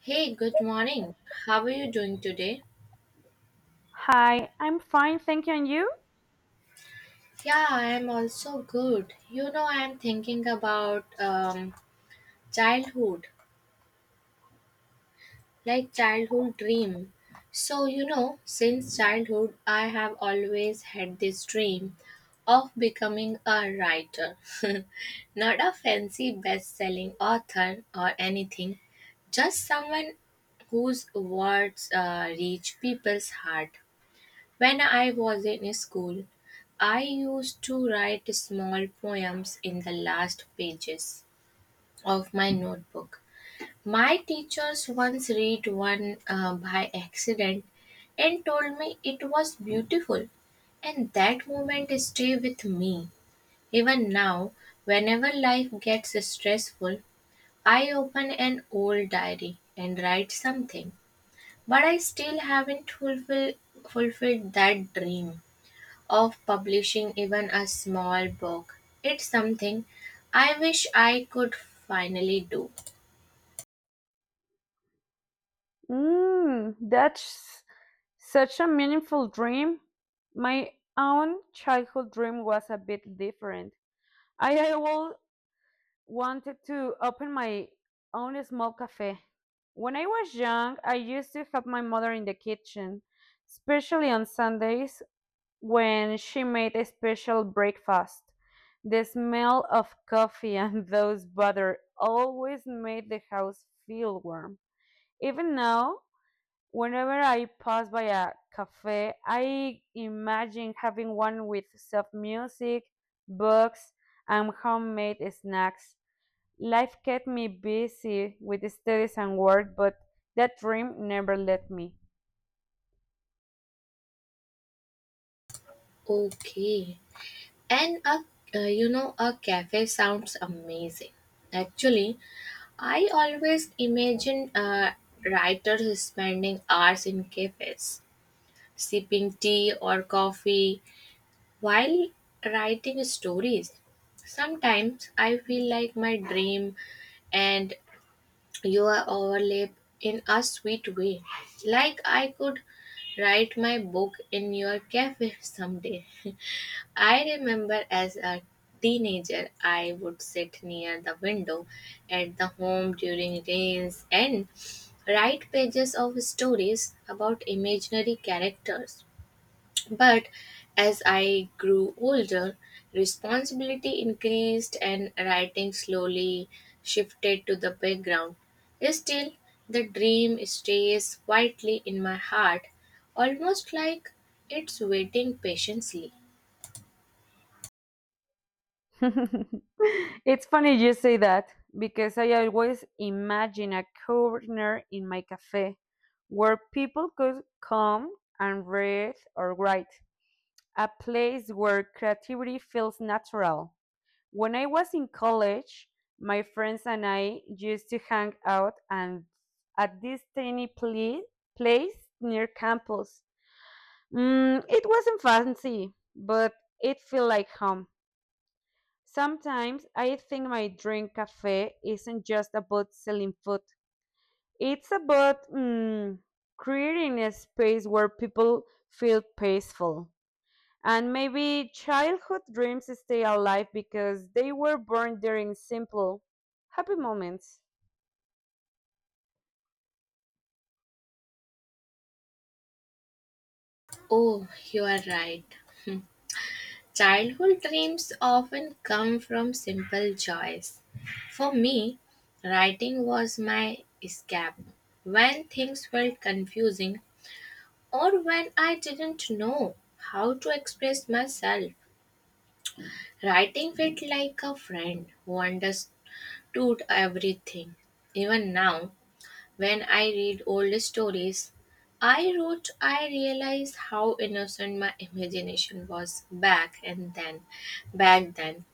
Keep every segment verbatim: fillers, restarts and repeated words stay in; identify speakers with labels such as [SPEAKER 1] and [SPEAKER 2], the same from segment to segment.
[SPEAKER 1] Hey, good morning. How are you doing today?
[SPEAKER 2] Hi, I'm fine, thank you. And you?
[SPEAKER 1] Yeah, I am also good. You know, I am thinking about um, childhood, like childhood dream. So, you know, since childhood, I have always had this dream of becoming a writer. Not a fancy best selling author or anything, just someone whose words uh, reach people's heart. When I was in school, I used to write small poems in the last pages of my notebook. My teachers once read one uh, by accident and told me it was beautiful, and that moment stayed with me. Even now, whenever life gets stressful, I open an old diary and write something, but I still haven't fulfill, fulfilled that dream of publishing even a small book. It's something I wish I could finally do.
[SPEAKER 2] Mm, that's such a meaningful dream. My own childhood dream was a bit different. I always wanted to open my own small cafe. When I was young, I used to help my mother in the kitchen, especially on Sundays when she made a special breakfast. The smell of coffee and those butter always made the house feel warm. Even now, whenever I pass by a cafe, I imagine having one with soft music, books, and homemade snacks. Life kept me busy with studies and work, but that dream never let me.
[SPEAKER 1] Okay. And a uh, You know, a cafe sounds amazing. Actually, I always imagine uh, writers spending hours in cafes, sipping tea or coffee while writing stories. Sometimes I feel like my dream and your overlap in a sweet way. Like I could write my book in your cafe someday. I remember as a teenager, I would sit near the window at the home during rains and write pages of stories about imaginary characters. But as I grew older, responsibility increased and writing slowly shifted to the background. Still, the dream stays quietly in my heart, almost like it's waiting patiently.
[SPEAKER 2] it's funny you say that because I always imagine a corner in my cafe where people could come and read or write. A place where creativity feels natural. When I was in college, my friends and I used to hang out and at this tiny pla- place near campus. Mm, it wasn't fancy, but it felt like home. Sometimes I think my dream cafe isn't just about selling food. It's about mm, creating a space where people feel peaceful. And maybe childhood dreams stay alive because they were born during simple, happy moments.
[SPEAKER 1] Oh, you are right. Childhood dreams often come from simple joys. For me, writing was my escape. When things felt confusing, or when I didn't know how to express myself. Writing felt like a friend who understood everything. Even now, when I read old stories I wrote, I realize how innocent my imagination was back and then, back then.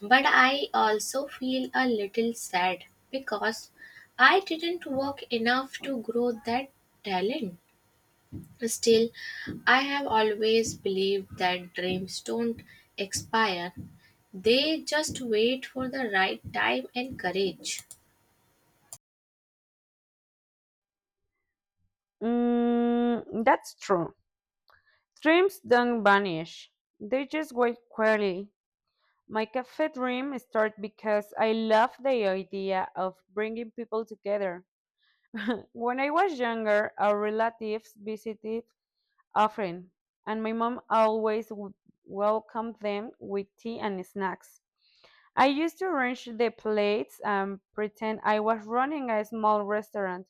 [SPEAKER 1] But I also feel a little sad because I didn't work enough to grow that talent. Still, I have always believed that dreams don't expire, they just wait for the right time and courage.
[SPEAKER 2] Mm, that's true. Dreams don't vanish, they just wait quietly. My cafe dream started because I love the idea of bringing people together. when I was younger, our relatives visited often, and my mom always w- welcomed them with tea and snacks. I used to arrange the plates and pretend I was running a small restaurant.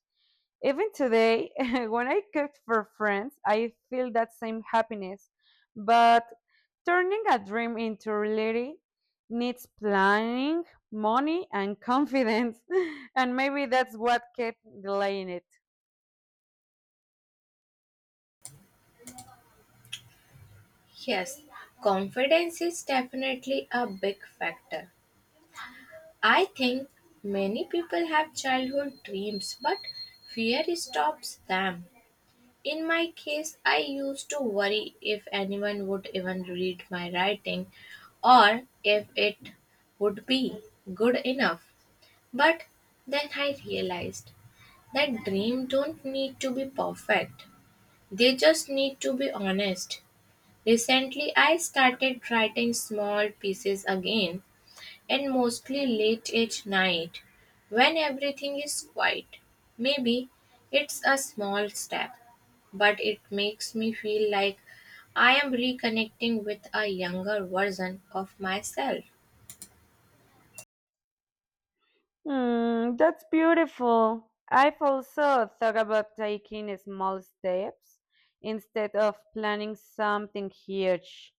[SPEAKER 2] Even today, when I cook for friends, I feel that same happiness. But turning a dream into reality needs planning, money, and confidence. and maybe that's what kept delaying it.
[SPEAKER 1] Yes, confidence is definitely a big factor. I think many people have childhood dreams, but fear stops them. In my case, I used to worry if anyone would even read my writing or if it would be good enough. But then I realized that dreams don't need to be perfect. They just need to be honest. Recently, I started writing small pieces again and mostly late at night when everything is quiet. Maybe it's a small step, but it makes me feel like I am reconnecting with a younger version of myself.
[SPEAKER 2] Mm, that's beautiful. I've also thought about taking small steps instead of planning something huge.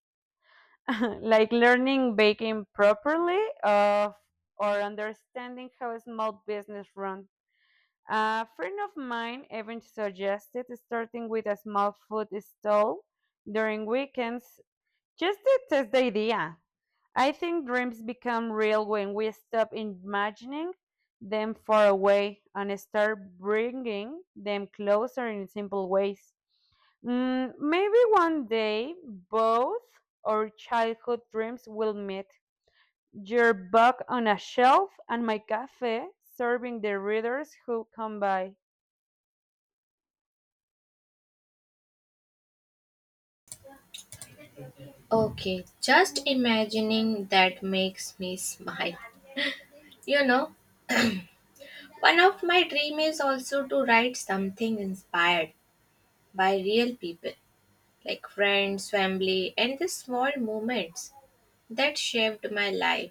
[SPEAKER 2] like learning baking properly of, or understanding how a small business runs. A friend of mine even suggested starting with a small food stall during weekends just to test the idea. I think dreams become real when we stop imagining them far away and start bringing them closer in simple ways. Mm, maybe one day both our childhood dreams will meet. Your book on a shelf and my cafe serving the readers who come by.
[SPEAKER 1] Okay, just imagining that makes me smile. You know, one of my dream is also to write something inspired by real people, like friends, family, and the small moments that shaped my life.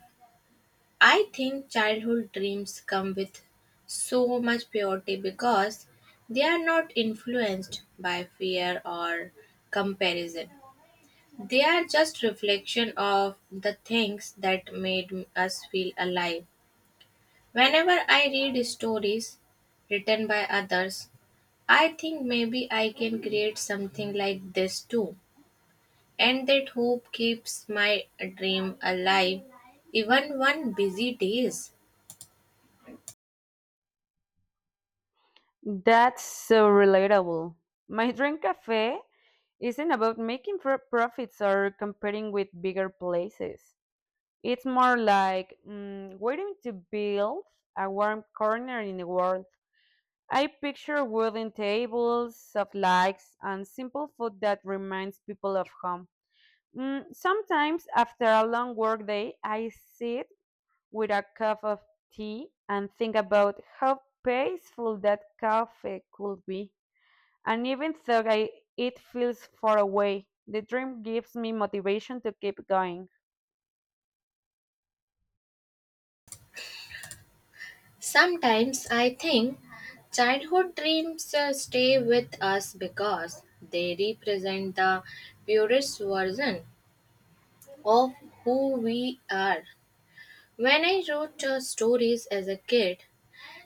[SPEAKER 1] I think childhood dreams come with so much purity because they are not influenced by fear or comparison. They are just reflection of the things that made us feel alive. Whenever I read stories written by others, I think maybe I can create something like this too. And that hope keeps my dream alive even one busy days.
[SPEAKER 2] That's so relatable. My dream cafe isn't about making pro- profits or competing with bigger places. It's more like mm, waiting to build a warm corner in the world. I picture wooden tables, soft lights, and simple food that reminds people of home. Mm, sometimes, after a long workday, I sit with a cup of tea and think about how peaceful that cafe could be. And even though I, it feels far away, the dream gives me motivation to keep going.
[SPEAKER 1] Sometimes I think childhood dreams uh, stay with us because they represent the purest version of who we are. When I wrote uh, stories as a kid,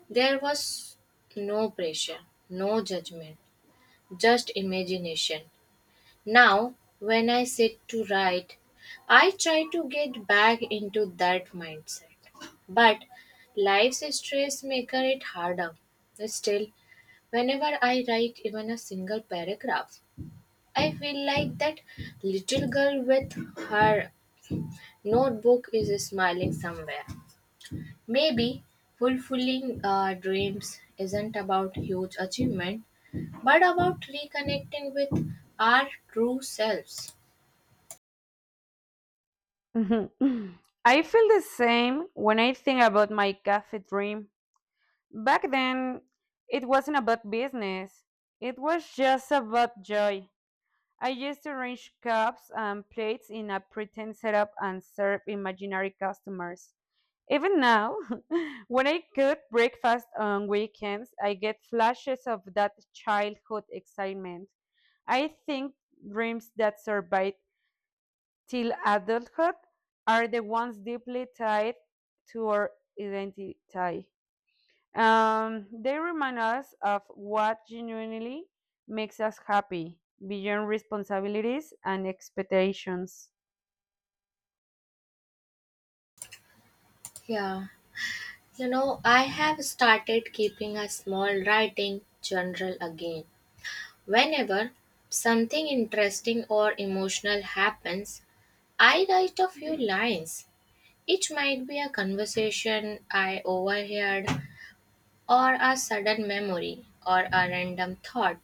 [SPEAKER 1] there was no pressure, no judgment, just imagination. Now, when I sit to write, I try to get back into that mindset. But life's stress makes it harder. Still, whenever I write even a single paragraph, I feel like that little girl with her notebook is smiling somewhere. Maybe fulfilling uh, dreams isn't about huge achievement, but about reconnecting with our true selves.
[SPEAKER 2] I feel the same when I think about my cafe dream. Back then, it wasn't about business. It was just about joy. I used to arrange cups and plates in a pretend setup and serve imaginary customers. Even now, when I cook breakfast on weekends, I get flashes of that childhood excitement. I think dreams that survive till adulthood are the ones deeply tied to our identity. Um, they remind us of what genuinely makes us happy beyond responsibilities and expectations.
[SPEAKER 1] Yeah, you know, I have started keeping a small writing journal again. Whenever something interesting or emotional happens, I write a few lines. It might be a conversation I overheard, or a sudden memory or a random thought.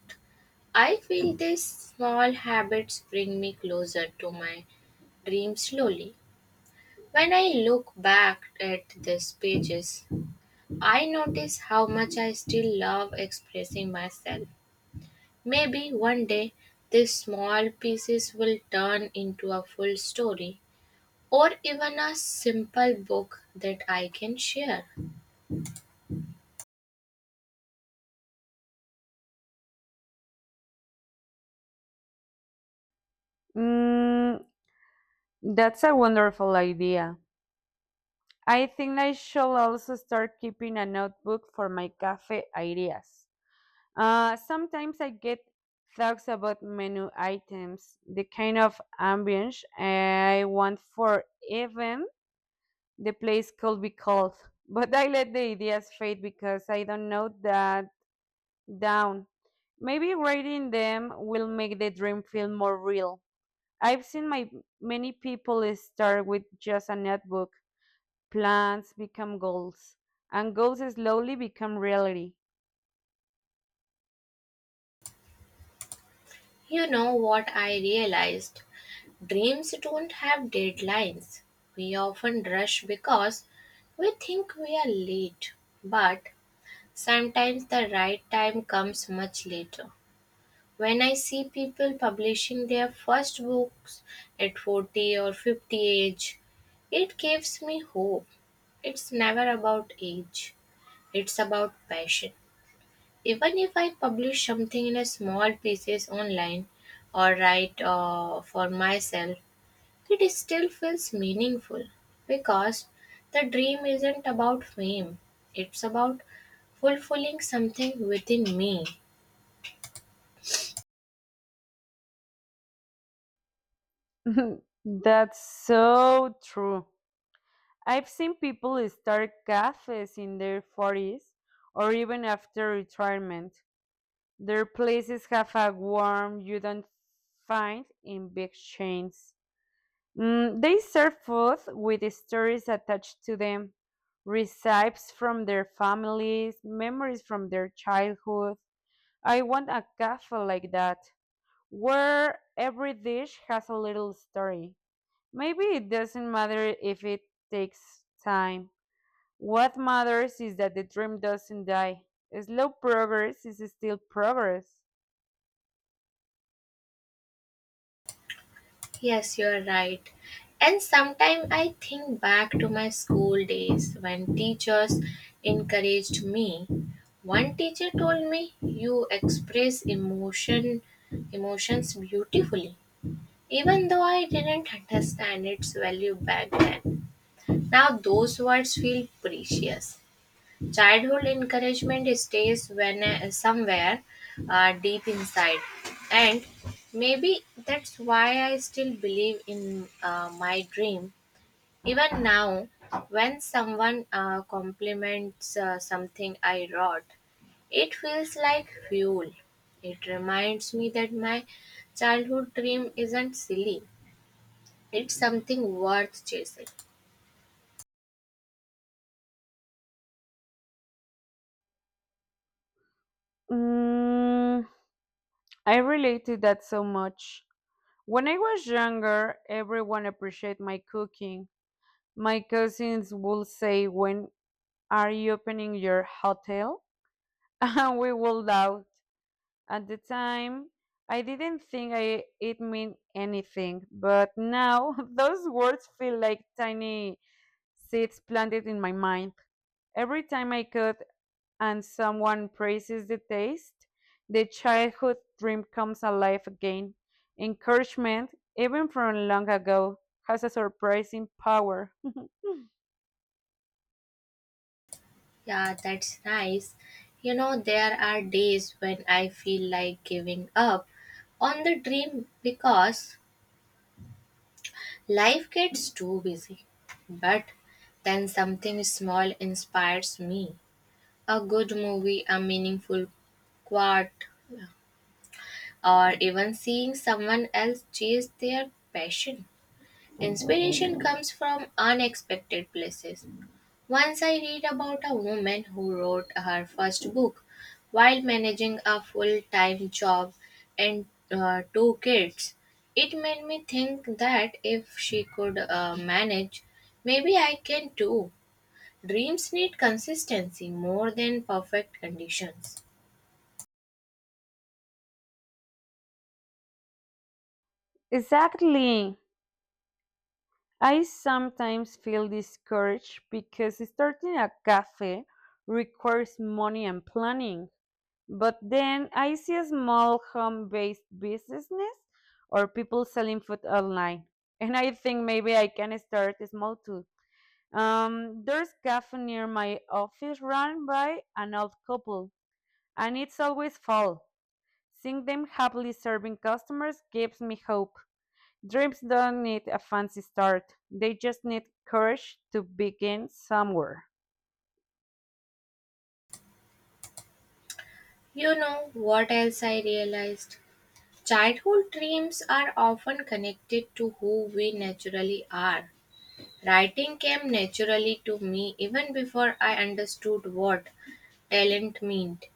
[SPEAKER 1] I feel these small habits bring me closer to my dream slowly. When I look back at these pages, I notice how much I still love expressing myself. Maybe one day these small pieces will turn into a full story or even a simple book that I can share.
[SPEAKER 2] Mm, that's a wonderful idea. I think I shall also start keeping a notebook for my cafe ideas. Uh, sometimes I get thoughts about menu items, the kind of ambience I want for events the place could be cold. But I let the ideas fade because I don't know that down. Maybe writing them will make the dream feel more real. I've seen my many people start with just a notebook. Plans become goals, and goals slowly become reality.
[SPEAKER 1] You know what I realized? Dreams don't have deadlines. We often rush because we think we are late, but sometimes the right time comes much later. When I see people publishing their first books at forty or fifty age, it gives me hope. It's never about age, it's about passion. Even if I publish something in a small pieces online or write uh, for myself, it still feels meaningful because the dream isn't about fame, it's about fulfilling something within me.
[SPEAKER 2] That's so true. I've seen people start cafes in their forties or even after retirement. Their places have a warmth you don't find in big chains. Mm, they serve food with stories attached to them, recipes from their families, memories from their childhood. I want a cafe like that, where every dish has a little story. Maybe it doesn't matter if it takes time. What matters is that the dream doesn't die. Slow progress is still progress.
[SPEAKER 1] Yes, you're right. And sometimes I think back to my school days when teachers encouraged me. One teacher told me, "You express emotion emotions beautifully." Even though I didn't understand its value back then, now those words feel precious. Childhood encouragement stays when uh, somewhere uh, deep inside, and maybe that's why I still believe in uh, my dream. Even now, when someone uh, compliments uh, something I wrote, it feels like fuel. It reminds me that my childhood dream isn't silly. It's something worth chasing.
[SPEAKER 2] Mm, I relate to that so much. When I was younger, everyone appreciated my cooking. My cousins would say, "When are you opening your hotel?" And we would laugh. At the time, I didn't think I, it meant anything, but now those words feel like tiny seeds planted in my mind. Every time I cook, and someone praises the taste, the childhood dream comes alive again. Encouragement, even from long ago, has a surprising power.
[SPEAKER 1] Yeah, that's nice. You know, there are days when I feel like giving up on the dream because life gets too busy. But then something small inspires me. A good movie, a meaningful quote, or even seeing someone else chase their passion. Inspiration comes from unexpected places. Once I read about a woman who wrote her first book while managing a full time job and uh, two kids. It made me think that if she could uh, manage, maybe I can too. Dreams need consistency more than perfect conditions.
[SPEAKER 2] Exactly. I sometimes feel discouraged because starting a cafe requires money and planning. But then I see a small home based businesses or people selling food online. And I think maybe I can start small too. Um, there's cafe near my office run by an old couple, and it's always full. Seeing them happily serving customers gives me hope. Dreams don't need a fancy start. They just need courage to begin somewhere.
[SPEAKER 1] You know what else I realized? Childhood dreams are often connected to who we naturally are. Writing came naturally to me even before I understood what talent meant.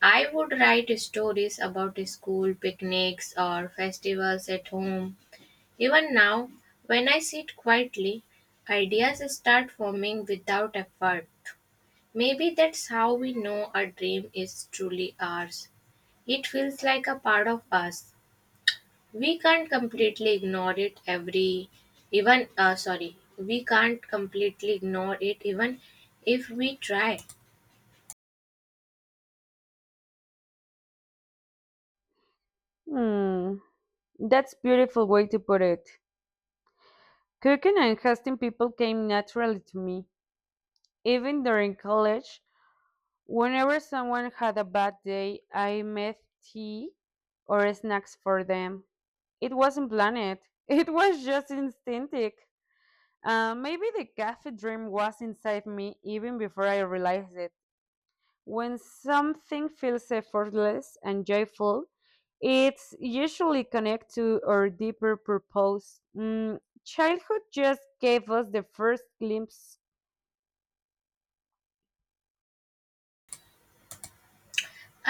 [SPEAKER 1] I would write stories about school picnics or festivals at home. Even now, when I sit quietly, ideas start forming without effort. Maybe that's how we know a dream is truly ours. It feels like a part of us we can't completely ignore it every even uh, sorry we can't completely ignore it even if we try.
[SPEAKER 2] Hmm, that's a beautiful way to put it. Cooking and hosting people came naturally to me. Even during college, whenever someone had a bad day, I made tea or snacks for them. It wasn't planned. It was just instinctive. Uh, maybe the cafe dream was inside me even before I realized it. When something feels effortless and joyful, it's usually connected to our deeper purpose. Mm, childhood just gave us the first glimpse.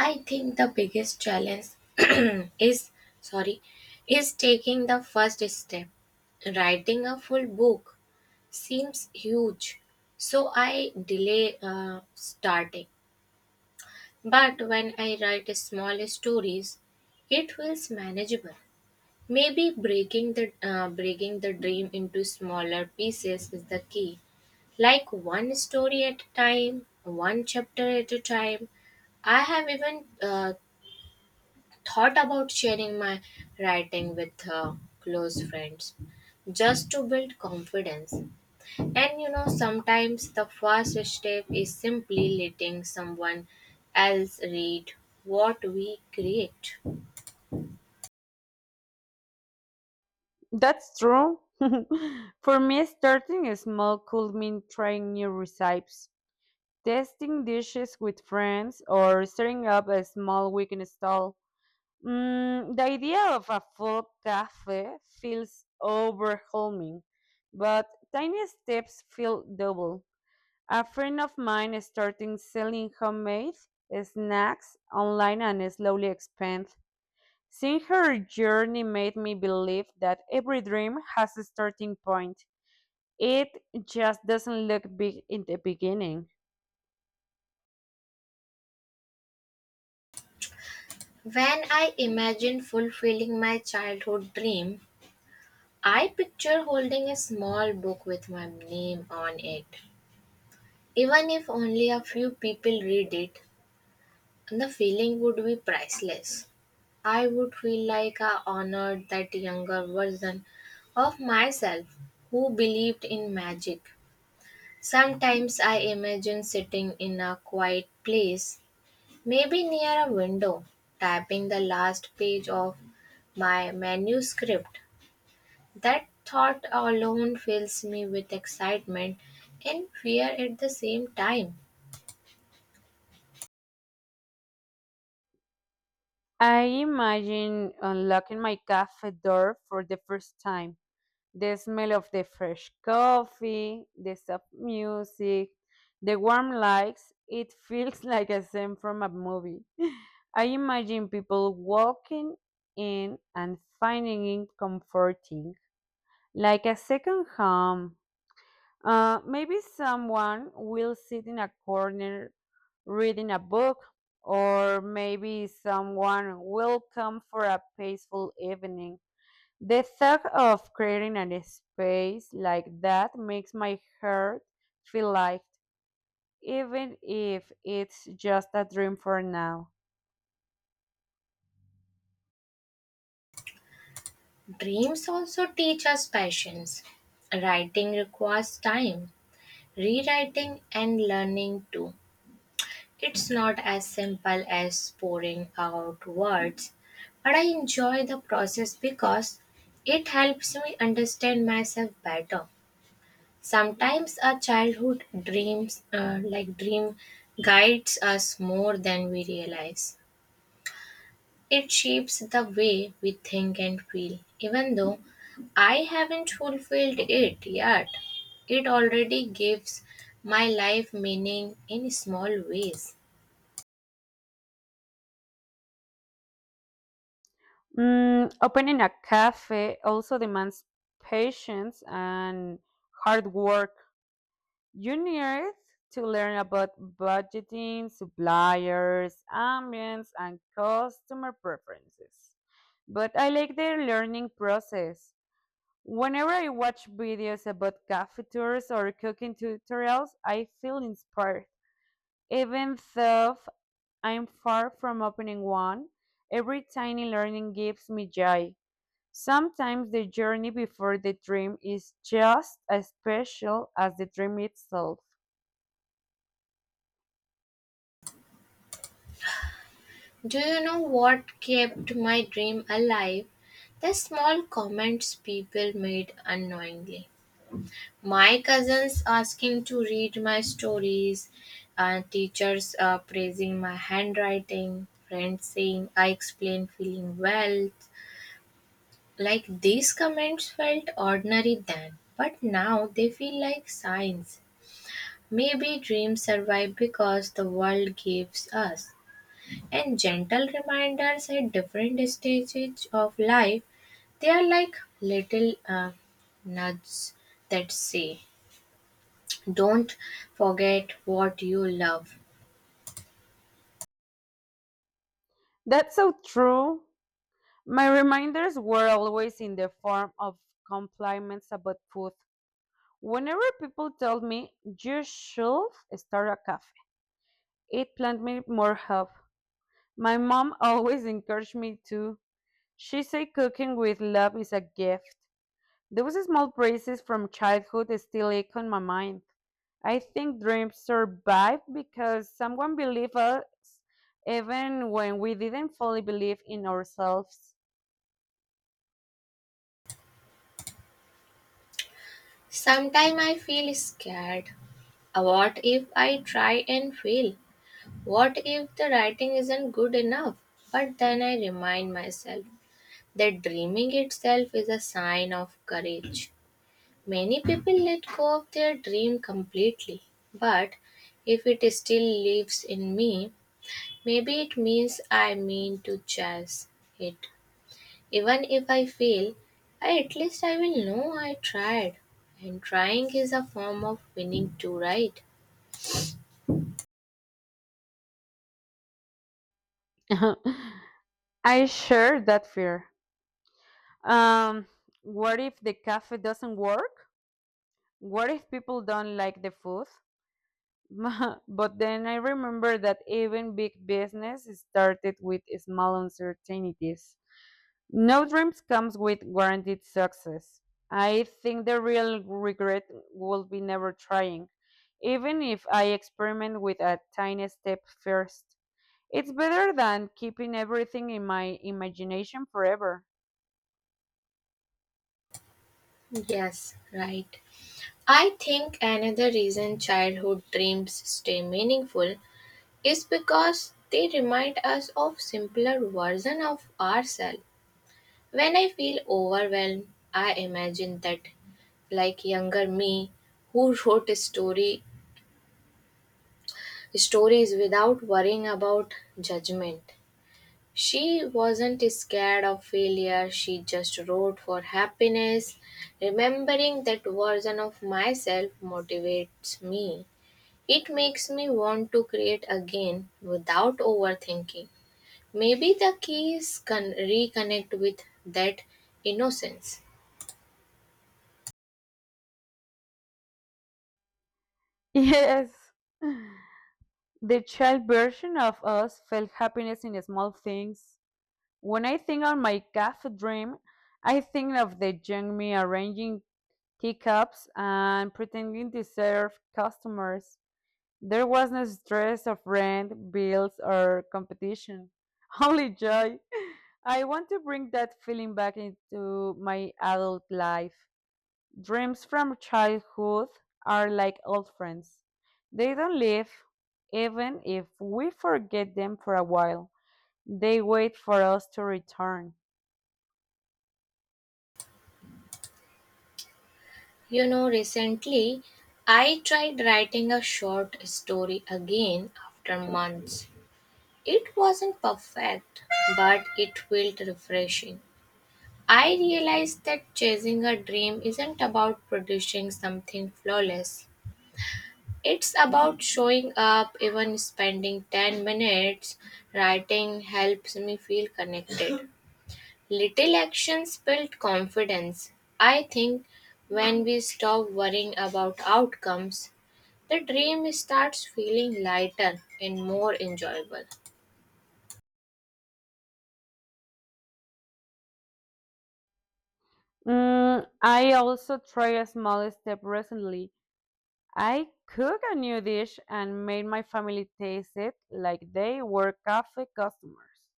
[SPEAKER 1] I think the biggest challenge is sorry is taking the first step. Writing a full book seems huge, so I delay uh, starting, but when I write small stories it feels manageable. Maybe breaking the uh, breaking the dream into smaller pieces is the key. Like one story at a time, one chapter at a time. I have even uh, thought about sharing my writing with uh, close friends just to build confidence. And you know, sometimes the first step is simply letting someone else read what we create.
[SPEAKER 2] That's true. For me, starting small could mean trying new recipes, testing dishes with friends, or setting up a small weekend stall. Mm, the idea of a full cafe feels overwhelming, but tiny steps feel double. A friend of mine started selling homemade snacks online and slowly expand. Seeing her journey made me believe that every dream has a starting point. It just doesn't look big in the beginning.
[SPEAKER 1] When I imagine fulfilling my childhood dream, I picture holding a small book with my name on it. Even if only a few people read it, the feeling would be priceless. I would feel like I honored that younger version of myself who believed in magic. Sometimes I imagine sitting in a quiet place, maybe near a window, typing the last page of my manuscript. That thought alone fills me with excitement and fear at the same time.
[SPEAKER 2] I imagine unlocking my cafe door for the first time the smell of the fresh coffee, the soft music, the warm lights. It feels like a scene from a movie. I imagine people walking in and finding it comforting, like a second home. Uh, maybe someone will sit in a corner reading a book, or maybe someone will come for a peaceful evening the thought of creating a space like that makes my heart feel light, even if it's just a dream for now.
[SPEAKER 1] Dreams also teach us patience. Writing requires time, rewriting, and learning too. It's not as simple as pouring out words, but I enjoy the process because it helps me understand myself better. Sometimes our childhood dreams, uh, like dream, guides us more than we realize. It shapes the way we think and feel. Even though I haven't fulfilled it yet, it already gives my life meaning in small ways.
[SPEAKER 2] Mm, opening a cafe also demands patience and hard work. You need to learn about budgeting, suppliers, ambience, and customer preferences. But I like the learning process. Whenever I watch videos about cafe tours or cooking tutorials, I feel inspired. Even though I'm far from opening one, every tiny learning gives me joy. Sometimes the journey before the dream is just as special as the dream itself.
[SPEAKER 1] Do you know what kept my dream alive? The small comments people made unknowingly. My cousins asking to read my stories, uh, teachers uh, praising my handwriting, friends saying I explain feeling well. Like these comments felt ordinary then, but now they feel like signs. Maybe dreams survive because the world gives us. And gentle reminders at different stages of life, they are like little uh, nudges that say, don't forget what you love.
[SPEAKER 2] That's so true. My reminders were always in the form of compliments about food. Whenever people told me, you should start a cafe. It planned me more help. My mom always encouraged me to. She said cooking with love is a gift. Those small praises from childhood still echo in my mind. I think dreams survive because someone believed us even when we didn't fully believe in ourselves.
[SPEAKER 1] Sometimes I feel scared. Uh, What if I try and fail? What if the writing isn't good enough? But then I remind myself that dreaming itself is a sign of courage. Many people let go of their dream completely, but if it still lives in me, maybe it means I mean to chase it. Even if I fail, I, at least I will know I tried. And trying is a form of winning too, right?
[SPEAKER 2] I share that fear. Um, what if the cafe doesn't work? What if people don't like the food? but then I remember that even big business started with small uncertainties. No dreams comes with guaranteed success. I think the real regret will be never trying, even if I experiment with a tiny step first. It's better than keeping everything in my imagination forever.
[SPEAKER 1] Yes, right. I think another reason childhood dreams stay meaningful is because they remind us of simpler version of ourselves. When I feel overwhelmed, I imagine that like younger me who wrote a story stories without worrying about judgment. She wasn't scared of failure, she just wrote for happiness. Remembering that version of myself motivates me. It makes me want to create again without overthinking. Maybe the key is con- reconnect with that innocence.
[SPEAKER 2] Yes. The child version of us felt happiness in small things. When I think of my cafe dream, I think of the young me arranging teacups and pretending to serve customers. There was no stress of rent, bills, or competition, only joy. I want to bring that feeling back into my adult life. Dreams from childhood are like old friends. They don't leave, even if we forget them for a while. They wait for us to return.
[SPEAKER 1] You know, recently I tried writing a short story again after months. It wasn't perfect, but it felt refreshing. I realized that chasing a dream isn't about producing something flawless. It's about showing up, even spending ten minutes writing helps me feel connected. Little actions build confidence. I think when we stop worrying about outcomes, the dream starts feeling lighter and more enjoyable.
[SPEAKER 2] Mm, I also tried a small step recently. I cooked a new dish and made my family taste it like they were cafe customers.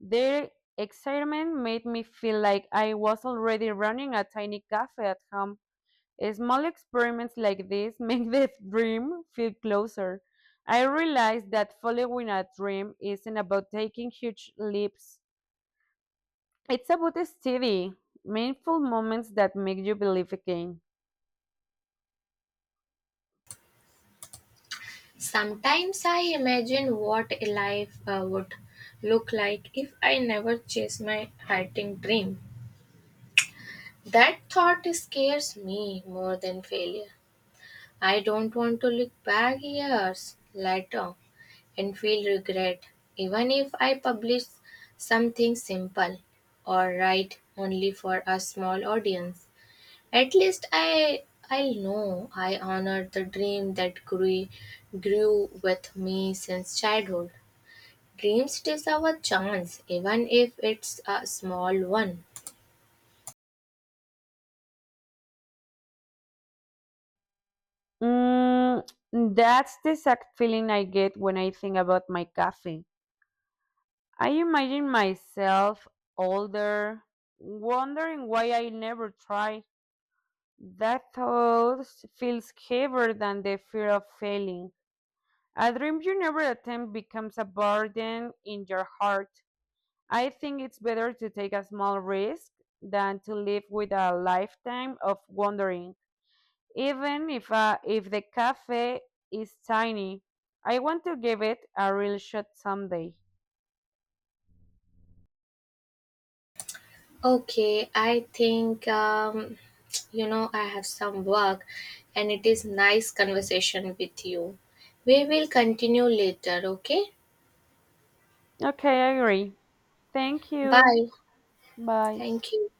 [SPEAKER 2] Their excitement made me feel like I was already running a tiny cafe at home. Small experiments like this make the dream feel closer. I realized that following a dream isn't about taking huge leaps. It's about steady, meaningful moments that make you believe again.
[SPEAKER 1] Sometimes I imagine what a life uh, would look like if I never chased my writing dream. That thought scares me more than failure. I don't want to look back years later and feel regret, even if I publish something simple or write only for a small audience. At least I I'll know I honored the dream that grew grew with me since childhood. Dreams is our chance, even if it's a small one.
[SPEAKER 2] Mm, that's the exact feeling I get when I think about my cafe. I imagine myself older, wondering why I never tried. That thought feels heavier than the fear of failing. A dream you never attempt becomes a burden in your heart. I think it's better to take a small risk than to live with a lifetime of wondering. Even if uh, if the cafe is tiny, I want to give it a real shot someday.
[SPEAKER 1] Okay, I think um, you know I have some work, and it is nice conversation with you. We will continue later. Okay,
[SPEAKER 2] Okay, I agree. Thank you.
[SPEAKER 1] bye.
[SPEAKER 2] Bye.
[SPEAKER 1] Thank you.